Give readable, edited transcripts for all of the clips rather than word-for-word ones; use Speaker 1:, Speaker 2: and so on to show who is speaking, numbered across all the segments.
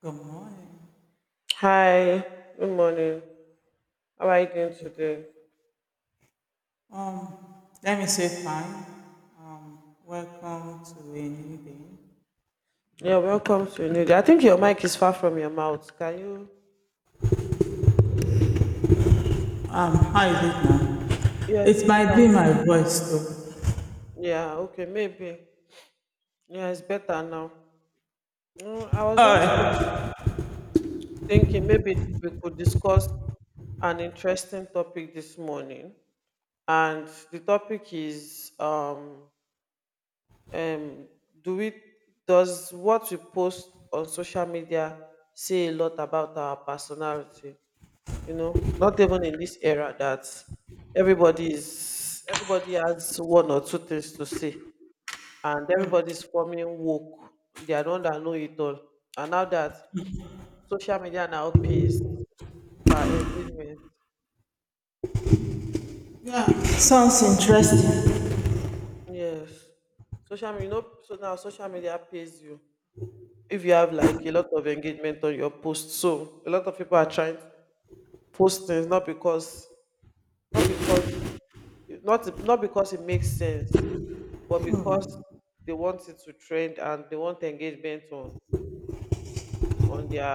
Speaker 1: Good morning.
Speaker 2: Hi, good morning. How are you doing today?
Speaker 1: Um, Let me say hi. Welcome to a new day.
Speaker 2: Yeah, welcome to New Day. I think your mic is far from your mouth. Can you?
Speaker 1: How is it now?
Speaker 2: Yeah, it's
Speaker 1: It might be
Speaker 2: better.
Speaker 1: my voice though.
Speaker 2: Yeah, okay, maybe. Yeah, it's better now. I was just thinking maybe we could discuss an interesting topic this morning, and the topic is um do we does what we post on social media say a lot about our personality? Not even in this era that everybody has one or two things to say, and everybody's forming woke, they are the one that know it all, and now that social media now pays per engagement.
Speaker 1: Sounds interesting.
Speaker 2: Yes, social media, so now social media pays you if you have like a lot of engagement on your post, so a lot of people are trying to post things, not because not because it makes sense, but because they want it to trend and they want engagement on their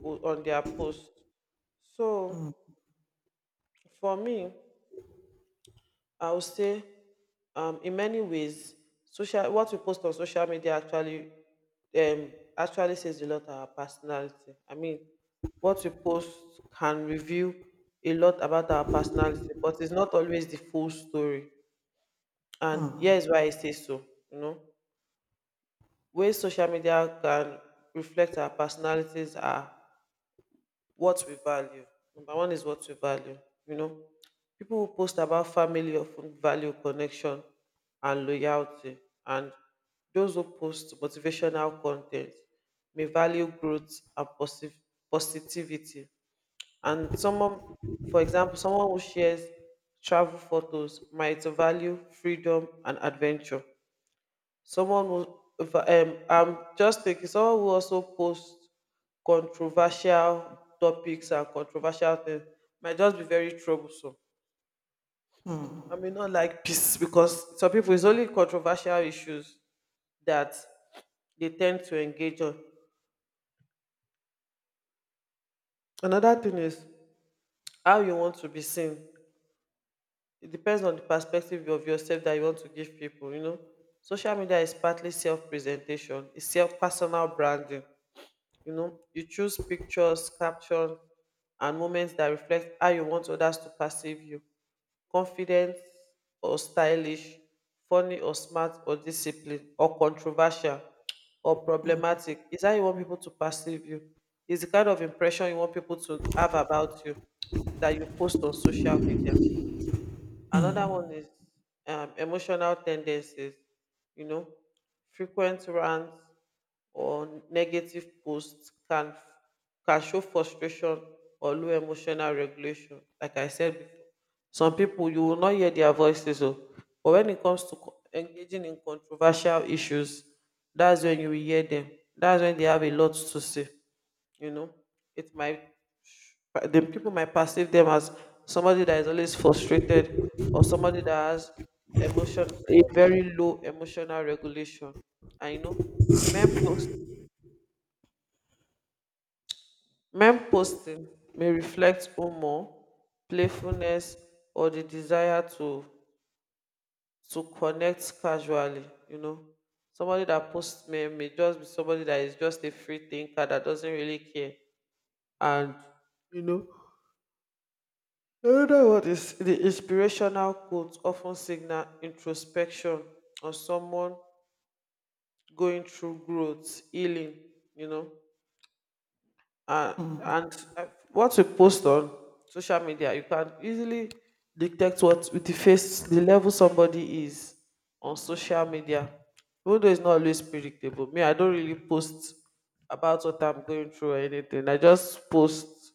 Speaker 2: on their post. So for me, I would say in many ways, social what we post on social media um actually says a lot about our personality. I mean, what we post can reveal a lot about our personality, but it's not always the full story. And
Speaker 1: Hmm,
Speaker 2: here's why I say so. you know Ways social media can reflect our personalities are what we value. Number one is what we value. You know, People who post about family often value connection and loyalty, and those who post motivational content may value growth and positivity. And someone, for example, someone who shares travel photos might value freedom and adventure. Someone who if I- I'm just thinking, someone who also posts controversial topics and controversial things might just be very troublesome. I may not like peace, because some people, it's only controversial issues that they tend to engage on. Another thing is how you want to be seen. It depends on the perspective of yourself that you want to give people. Social media is partly self-presentation, it's self personal branding. You choose pictures, captions, and moments that reflect how you want others to perceive you: confident or stylish, funny or smart or disciplined or controversial or problematic. Is how you want people to perceive you. Is the kind of impression you want people to have about you that you post on social media. Another one is emotional tendencies, you know, frequent rants or negative posts can show frustration or low emotional regulation. Like I said before, some people you will not hear their voices. Oh, but when it comes to engaging in controversial issues, that's when you will hear them. That's when they have a lot to say. You know, it might The people might perceive them as somebody that is always frustrated or somebody that has emotion a very low emotional regulation. I know men post Meme posting may reflect humor, playfulness, or the desire to connect casually. Somebody that posts meme may just be somebody that is just a free thinker that doesn't really care. And you know, another one is the inspirational quotes often signal introspection or someone going through growth, healing. You know and and What we post on social media, you can easily detect what with the face the level somebody is on social media, even though it's not always predictable. Me, I don't really post about what I'm going through or anything. I just post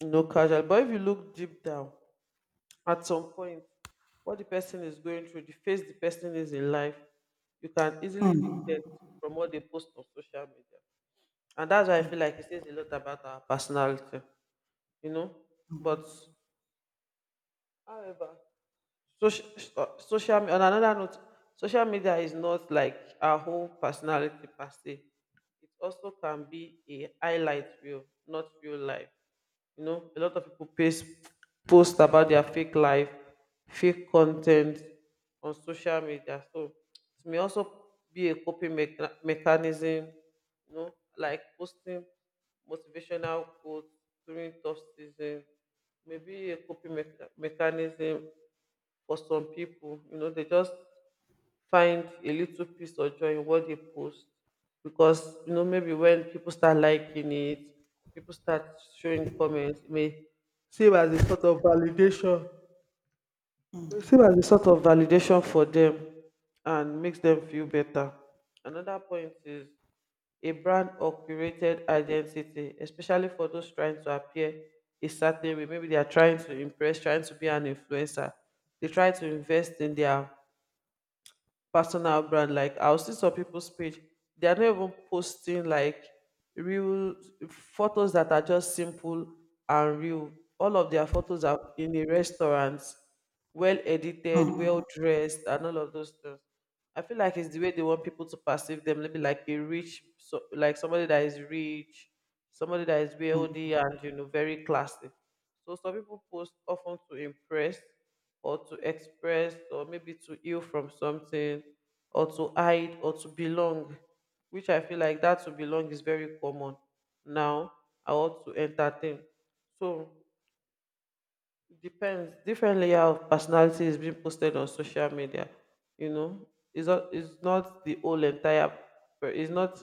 Speaker 2: you know casual. But if you look deep down at some point, what the person is going through, the phase the person is in life, you can easily detect from what they post on social media. And that's why I feel like it says a lot about our personality you know. But However, social, social on another note, social media is not like our whole personality per se. It also can be a highlight reel, not real life. A lot of people post about their fake life, fake content on social media. So it may also be a coping mechanism, you know, like posting motivational quotes during tough season, maybe a coping mechanism for some people. They just find a little peace or joy in what they post, because maybe when people start liking it, people start showing comments, it may seem as a sort of validation. It seem as a sort of validation for them and makes them feel better. Another point is a brand or curated identity, especially for those trying to appear a certain way. Maybe they are trying to impress, trying to be an influencer. They try to invest in their personal brand. Like I'll see some people's page, they are not even posting like real photos that are just simple and real. All of their photos are in a restaurant, well edited,
Speaker 1: hmm.
Speaker 2: well dressed, and all of those things. I feel like it's the way they want people to perceive them. Maybe like so like somebody that is rich, somebody that is wealthy, and very classy. So some people post often to impress, or to express, or maybe to heal from something, or to hide, or to belong, which I feel like that to belong is very common now. I want to entertain. So depends, different layer of personality is being posted on social media, you know it's not the whole entire per- it's not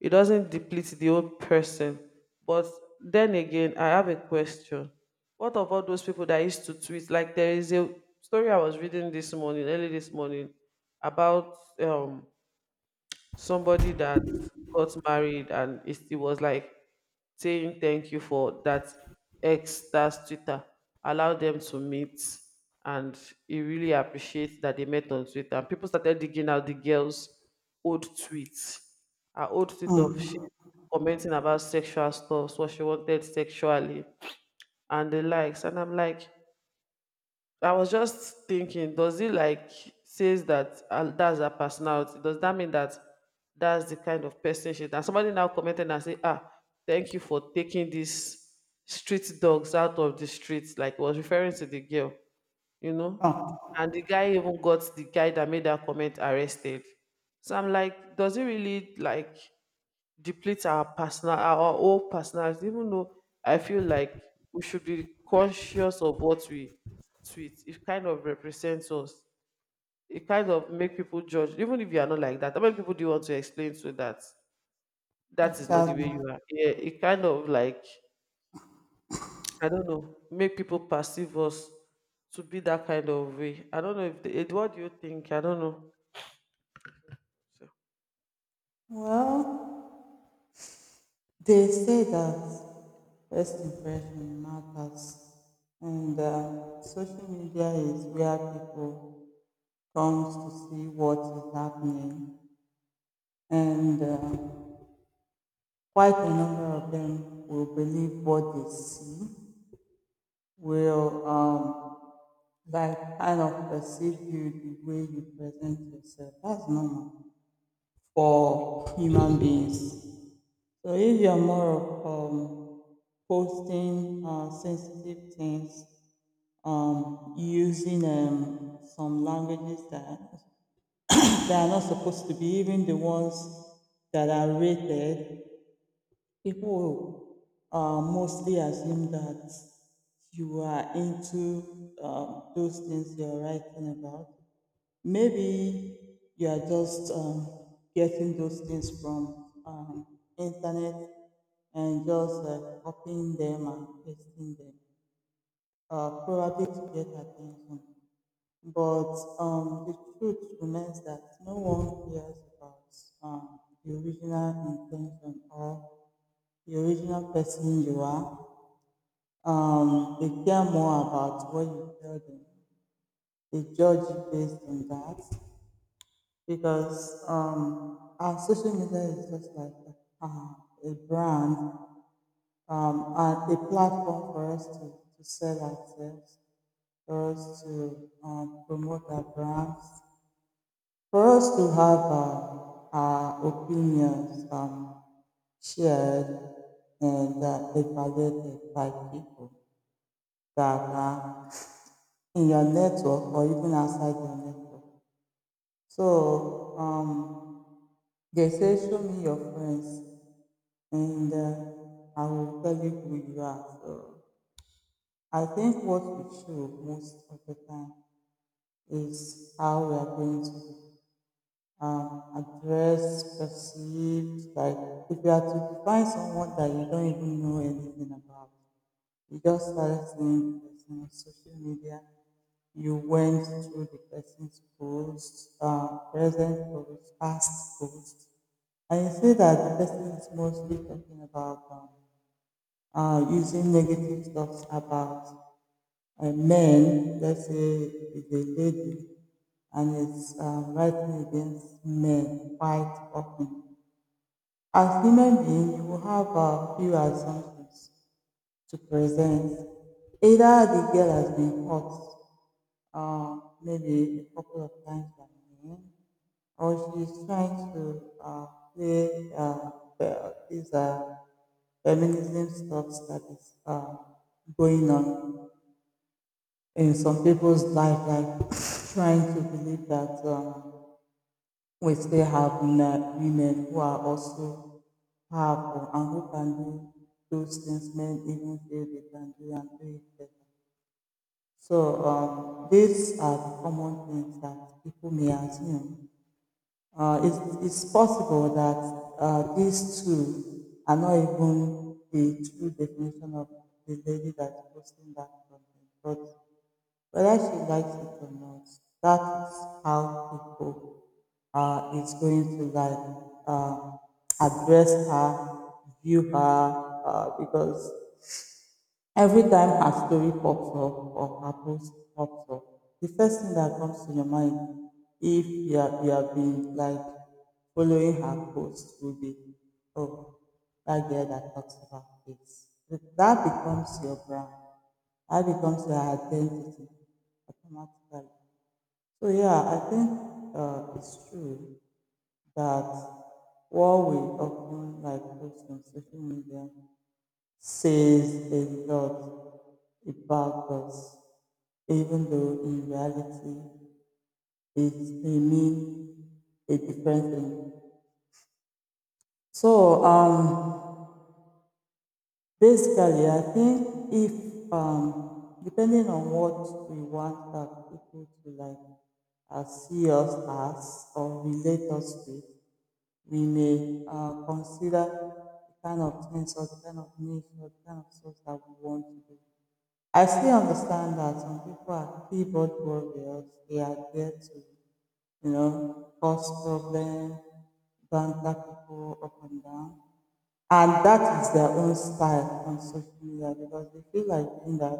Speaker 2: it doesn't deplete the whole person. But then again, I have a question. What of all those people that used to tweet? Like there is a story I was reading this morning early this morning about somebody that got married, and it still was like saying thank you for that ex, that's Twitter, allow them to meet, and he really appreciates that they met on Twitter. And people started digging out the girls old tweets, her old tweet of she commenting about sexual stuff, what she wanted sexually and the likes. And I'm like, I was just thinking, does it like says that that's her personality? Does that mean that that's the kind of person she is? And somebody now commented and said, ah, thank you for taking these street dogs out of the streets. Like was referring to the girl, you know? And the guy even got the guy that made that comment arrested. So I'm like, does it really like deplete our whole personality? Even though I feel like we should be conscious of what we tweet, it kind of represents us. It kind of make people judge, even if you are not like that. How many people do you want to explain to that that is not the way
Speaker 1: Exactly.
Speaker 2: you are? Yeah, it kind of like, I don't know, make people perceive us to be that kind of way. I don't know, if they, Ed, what do you think? I don't know.
Speaker 1: Well, they say that first impression matters, and social media is where people comes to see what is happening, and quite a number of them will believe what they see, will like kind of perceive you the way you present yourself. That's normal for human beings. So if you're more of posting sensitive things, using some languages that are not supposed to be, even the ones that are rated, people mostly assume that you are into those things you're writing about. Maybe you are just getting those things from internet and just copying them and pasting them, probably to get attention. But the truth remains that no one cares about the original intention or the original person you are. They care more about what you tell them. They judge you based on that because our social media is just like uh, a brand, and a platform for us to sell ourselves, for us to promote our brands, for us to have our opinions shared and evaluated by people that are in your network or even outside your network. So they say, show me your friends and I will tell you who you are. So I think what we show most of the time is how we are going to um, address, perceived. Like if you are to define someone that you don't even know anything about, you just started seeing the person on social media. You went through the person's posts, present posts, past posts, and you see that the person is mostly talking about using negative stuff about a man, let's say it's a lady, and it's writing against men quite often. As human being, you will have a few assumptions to present. Either the girl has been hurt, maybe a couple of times by men, or she's trying to play these feminism stuff that is going on in some people's life, like trying to believe that we still have women who are also powerful and who can do those things men even feel they can do and do it better. So these are the common things that people may assume. It's possible that these two are not even the true definition of the lady that's posting that content, whether she likes it or not, that is how people is going to like uh, address her, view her, because every time her story pops up or her post pops up, the first thing that comes to your mind, if you have been like following her post, will be, oh, that girl that talks about this. That becomes your brand. I becomes their identity automatically. So yeah, I think it's true that what we often like post on social media says a lot about us, even though in reality it may mean a different thing. So basically, I think if depending on what we want our people to like see us as or relate us with, we may consider the kind of things or the kind of needs or the kind of things that we want to do. I still understand that some people are keyboard warriors. They are there to, you know, cause problems, banter people up and down. And that is their own style on social media because they feel like doing that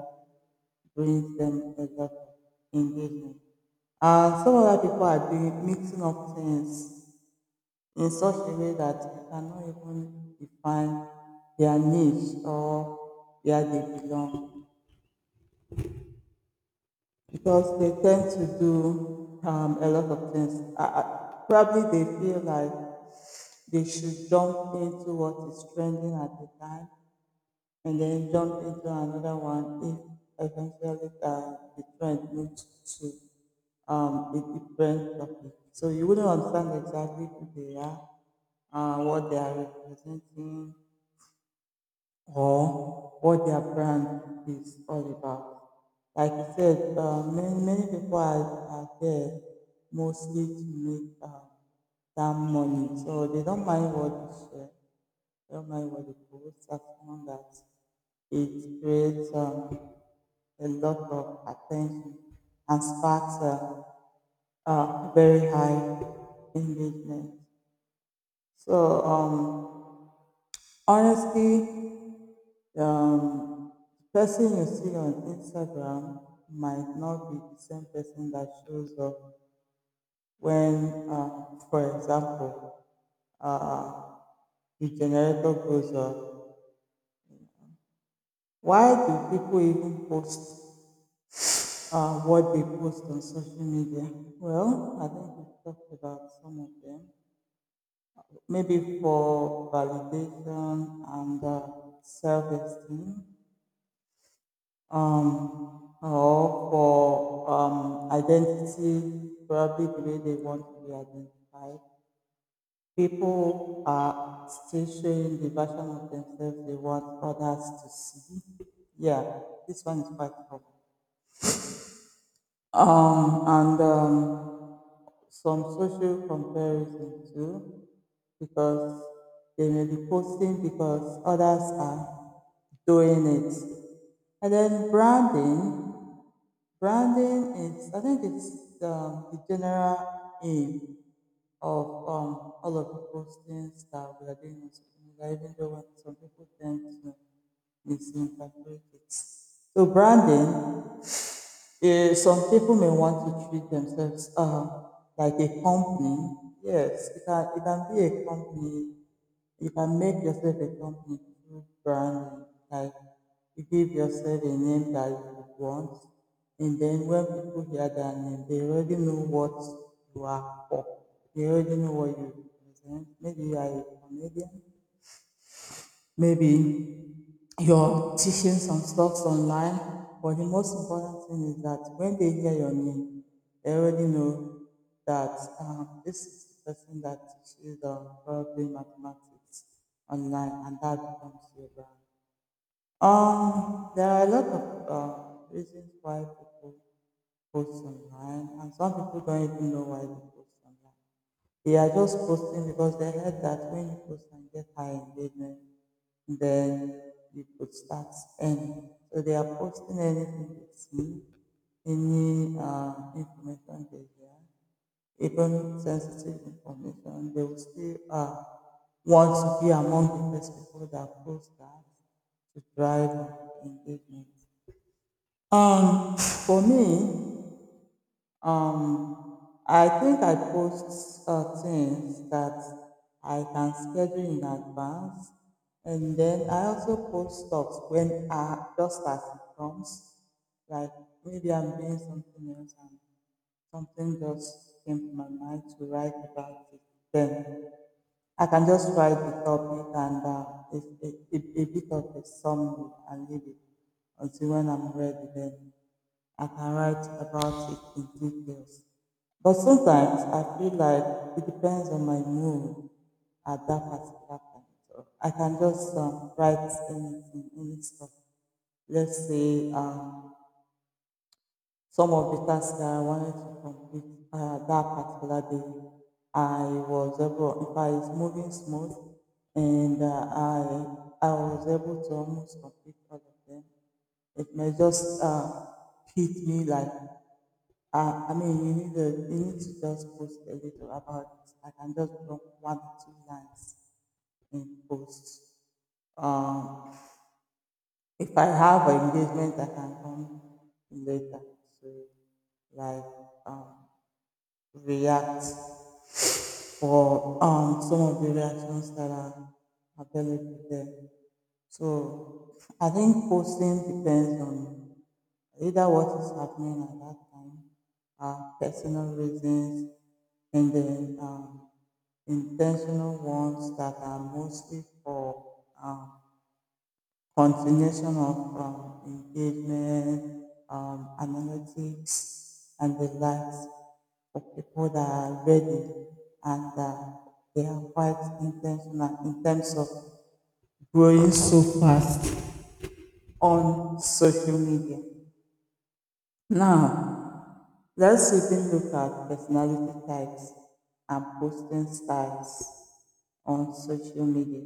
Speaker 1: brings them a lot of engagement. Some other people are doing mixing up things in such a way that you cannot even define their niche or where they belong because they tend to do a lot of things. Probably they feel like they should jump into what is trending at the time, and then jump into another one if eventually the trend moves to a different topic. So you wouldn't understand exactly who they are, what they are representing, or what their brand is all about. Like you said, many many people are there mostly to make that money, so they don't mind what they share, they don't mind what they post, as long as it creates a lot of attention and sparks very high engagement. So honestly. Um, the person you see on Instagram might not be the same person that shows up when, for example, uh, the generator goes up. Why do people even post what they post on social media? Well, I think we've talked about some of them. Maybe for validation and self esteem, or for identity, probably the way they want to be identified. People are still showing the version of themselves they want others to see. Yeah, this one is quite common. Um, and some social comparison too, because they may be posting because others are doing it. And then branding. Branding is, I think it's the general aim of all of the postings that we are doing on social media, even though when some people tend to misinterpret it. So branding, eh, some people may want to treat themselves like a company. Yes, it can be a company. You can make yourself a company through branding. Like you give yourself a name that you want, and then when people hear that name, they already know what you are for. They already know what you represent. Maybe you are a comedian, maybe you're teaching some stuff online. But the most important thing is that when they hear your name, they already know that this is the person that teaches probably mathematics online, and that becomes your brand. There are a lot of reasons why people post online, and some people don't even know why they post online. They are just posting because they heard that when you post and get high engagement, then you could start earning. So they are posting anything they see, any information they hear, even sensitive information. They will still want to be among the first people that post that to drive engagement. For me, I think I post things that I can schedule in advance, and then I also post stuff when just as it comes. Like maybe I'm doing something else and something just came to my mind to write about it then. I can just write the topic and a bit of a summary and leave it until when I'm ready. Then I can write about it in details. But sometimes I feel like it depends on my mood at that particular point. So I can just write anything, any stuff. Let's say some of the tasks that I wanted to complete that particular day. I was able, if I is moving smooth, and I was able to almost complete all of them. It may just hit me like, I mean, you need to just post a little about it. I can just drop one or two lines in post. Um, if I have an engagement, I can come later. So, like, um, react for some of the reactions that are available there. So I think posting depends on either what is happening at that time, personal reasons, and then intentional ones that are mostly for um continuation of engagement, analytics, and the likes for people that are ready and they are quite intentional in terms of growing so fast on social media. Now, let's even look at personality types and posting styles on social media.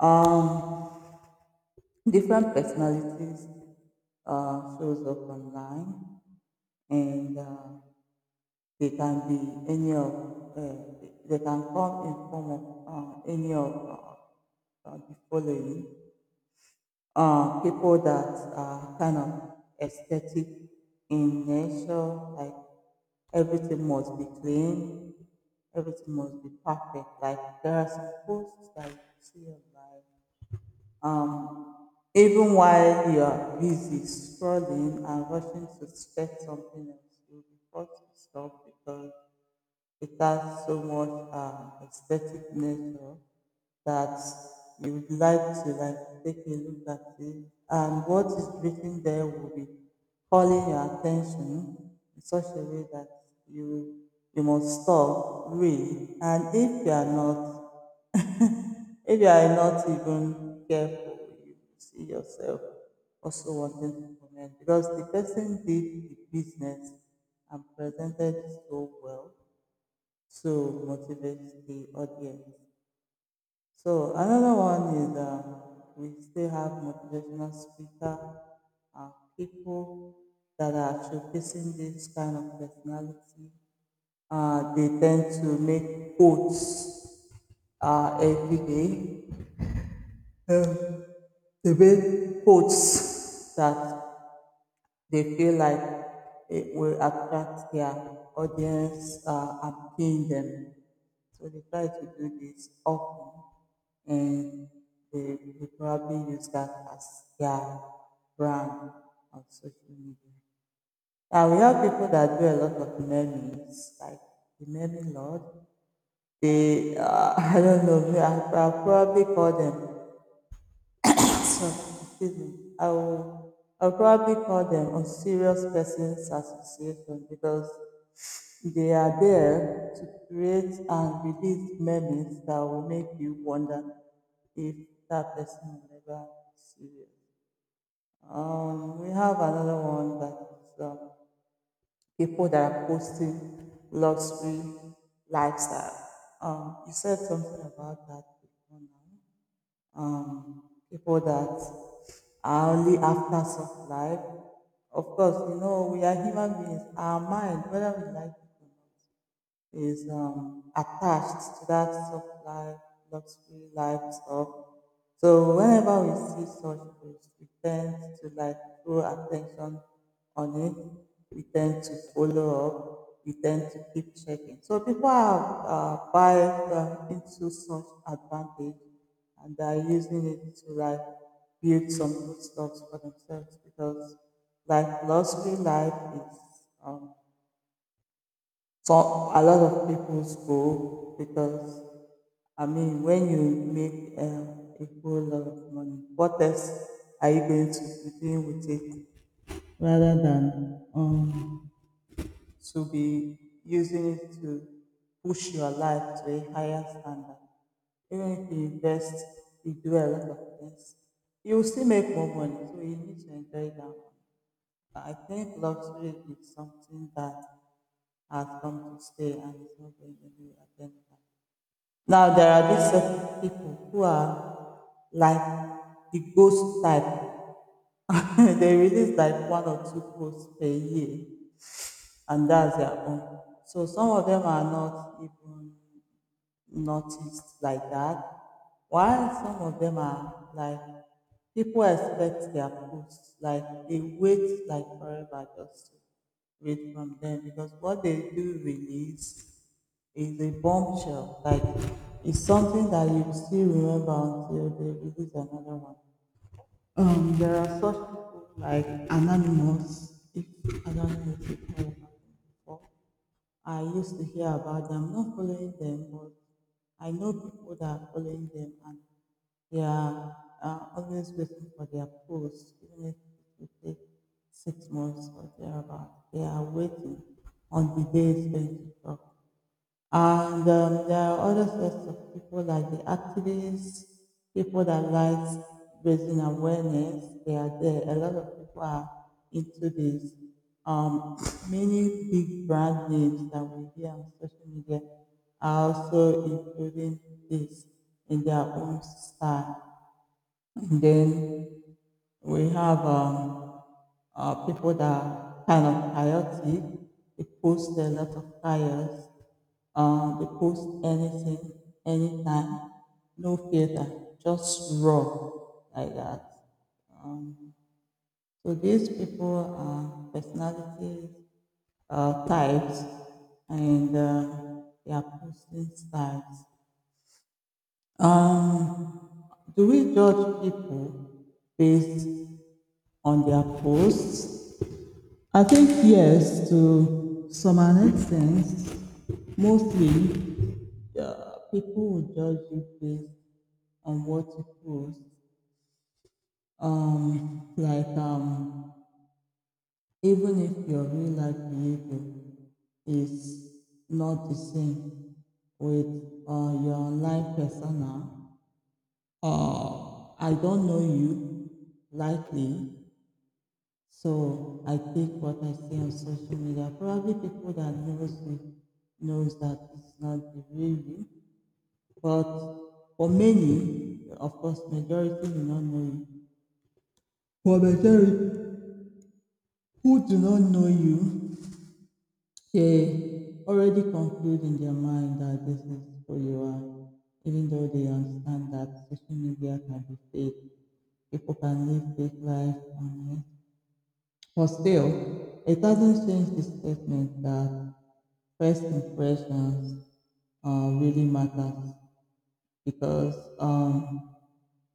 Speaker 1: Um, Different personalities shows up online and they can come in form of any of the following, people that are kind of aesthetic in nature, like everything must be clean, everything must be perfect. Like there are some posts that you see online um, even while you are busy scrolling and rushing to check something else, you'll be forced to stop because it has so much aesthetic nature that you would like to like take a look at it, and what is written there will be calling your attention in such a way that you you must stop, read, and if you are not if you are not even careful you see yourself also wanting to comment because the person did the business and presented it so well to motivate the audience. So another one is we still have motivational speaker, uh, people that are showcasing this kind of personality. They tend to make quotes every day. Um, they make quotes that they feel like it will attract their audience and paying them. So they try to do this often and they probably use that as their brand on social media. We have people that do a lot of memes, like the meme lord. They, I don't know, I'll probably call them so, excuse me. I will. I'll probably call them on serious persons association because they are there to create and release memes that will make you wonder if that person will ever be serious. We have another one that is people that are posting luxury lifestyle. You said something about that before now um, people that are only after soft life. Of course, you know, we are human beings. Our mind, whether we like it or not, is attached to that soft life, luxury life stuff. So whenever we see such posts, we tend to like throw attention on it. We tend to follow up. We tend to keep checking. So people are buying into such advantage, and they are using it to like build some good stuff for themselves because like luxury life is um. So a lot of people's go because I mean, when you make a whole lot of money, what else are you going to be doing with it rather than to be using it to push your life to a higher standard? Even if you invest, you do a lot of things, you will still make more money. So you need to enjoy that. I think luxury is something that has come to stay and is not going anywhere anytime. Now there are these certain people who are like the ghost type. They release like one or two posts per year, and that's their own. So some of them are not even noticed like that. While some of them are like, people expect their posts, like they wait like forever just to read from them because what they do release is a bombshell. Like it's something that you still remember until they release another one. There are such people like Anonymous. If Anonymous is, I used to hear about them, not following them, but I know people that are following them, and they are always waiting for their post, even if it will take six months or thereabout. They are waiting on the day it's going to drop. And there are other sorts of people like the activists, people that like raising awareness. They are there. A lot of people are into this. Um, many big brand names that we hear on social media are also including this in their own style. Then we have people that are kind of chaotic. They post a lot of fires. They post anything, anytime, no filter, just raw like that. Um, so these people are personality types and their posting styles. Um, do we judge people based on their posts? I think yes, to some an extent, mostly people will judge you based on what you post. Like, even if your real life behavior is not the same with your online persona, I don't know you likely. So I take what I see on social media. Probably people that knows me knows that it's not the real you. But for many, of course, majority do not know you. For majority who do not know you, they already conclude in their mind that this is who you are, even though they understand that social media can be fake, people can live fake life on. But still, it doesn't change the statement that first impressions really matters because um,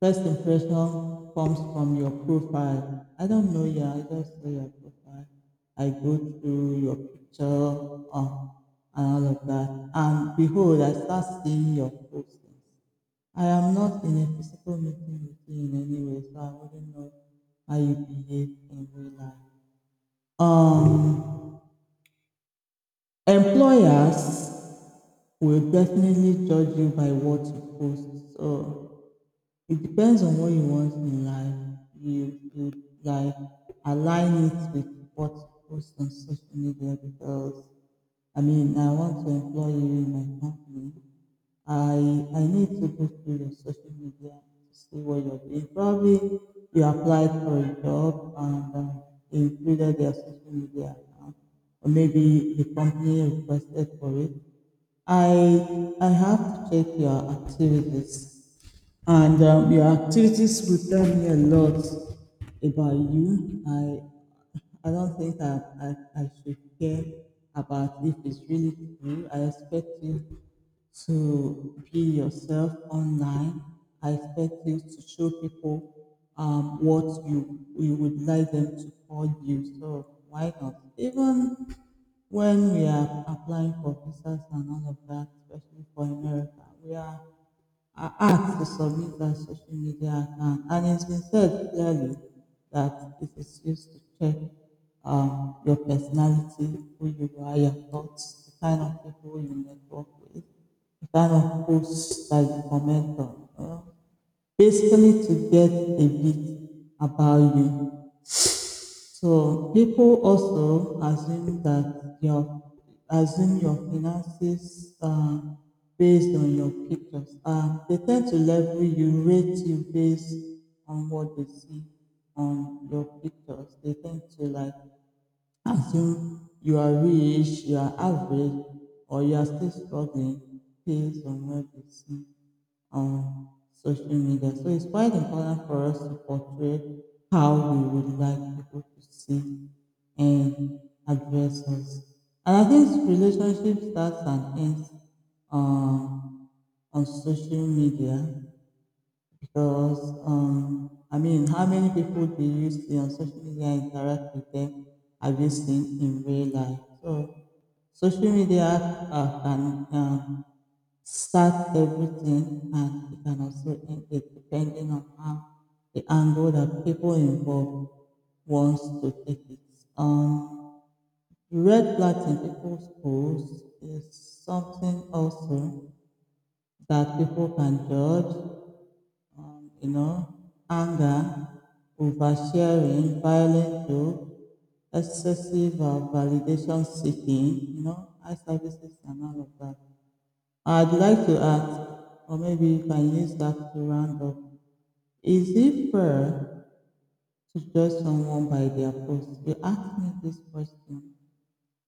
Speaker 1: first impression comes from your profile. I don't know you. I just saw your profile. I go through your picture uh, and all of that, and behold, I start seeing your postings. I am not in a physical meeting with you in any way, so I wouldn't know how you behave in real life. um Employers will definitely judge you by what you post, so it depends on what you want in life. You like align it with what you post on social media because I mean, I want to employ you in my company. I I need to go through your social media to see what you're doing. Probably you applied for a job and included their social media account, or maybe the company requested for it. I have to check your activities, and your activities will tell me a lot about you. I don't think I should care about if it's really true. I expect you to be yourself online. I expect you to show people what you would like them to call you. So why not? Even when we are applying for visas and all of that, especially for America, we are asked to submit their social media account. And it's been said clearly that it is used to check your personality, who you are, your thoughts, the kind of people you network with, the kind of posts that you comment on, Basically, to get a bit about you. So people also assume that your assume your finances are based on your pictures. They tend to level you, rate you based on what they see on your pictures. They tend to like assume you are rich, you are average, or you are still struggling based on what you see on social media. So it's quite important for us to portray how we would like people to see and address us. And I think relationship starts and ends um, on social media because I mean, how many people do you see on social media interact with them? Have you seen in real life? So social media can start everything, and it can also end, it depending on how the angle that people involved wants to take it. Um, the red flags in people's posts is something also that people can judge, you know, anger, oversharing, violent joke, excessive validation seeking, you know, eye services and all of that. I'd like to ask, or maybe you can use that to round up. Is it fair to judge someone by their post? You asked me this question.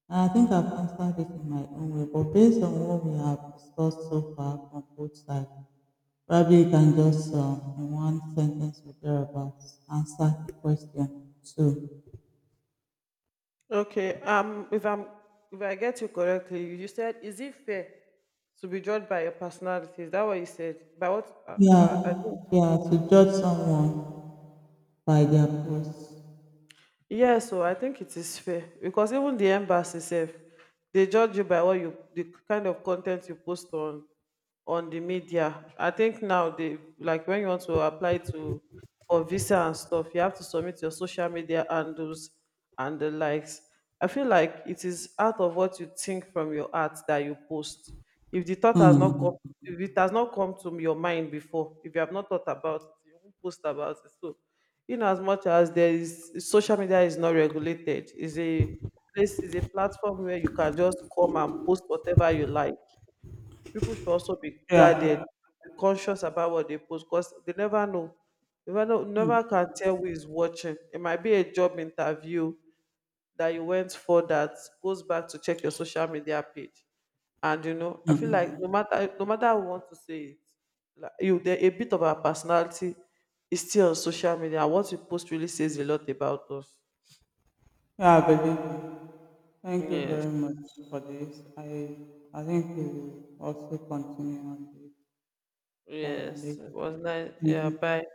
Speaker 1: I think I've answered it in my own way, but based on what we have discussed so far from both sides, probably you can just in one sentence or thereabouts answer the question two.
Speaker 2: Okay. If I'm if I get you correctly, you said, is it fair to be judged by your personality? Is that what you said? By what? I
Speaker 1: Yeah,
Speaker 2: think
Speaker 1: yeah, to judge someone by their post.
Speaker 2: Yeah, so I think it is fair, because even the embassy itself, they judge you by what you the kind of content you post on the media. I think now they like when you want to apply to for visa and stuff, you have to submit your social media handles and the likes. I feel like it is out of what you think from your heart that you post. If the thought has not come,
Speaker 1: Hmm.
Speaker 2: if it has not come to your mind before, if you have not thought about it, you won't post about it. So in as much as there is social media is not regulated, is a platform where you can just come and post whatever you like, people should also be guarded,
Speaker 1: Yeah,
Speaker 2: be conscious about what they post, because they never know, you never know, never can tell who is watching. It might be a job interview that you went for that goes back to check your social media page. And I feel like no matter how we want to say it, like you there a bit of our personality is still on social media. What we post really says a lot about us.
Speaker 1: yeah, I believe you. Thank you
Speaker 2: Yes.
Speaker 1: very much for this. I think we will also continue on this
Speaker 2: Yes.
Speaker 1: later.
Speaker 2: It was nice.
Speaker 1: Thank
Speaker 2: Yeah, bye.
Speaker 1: you.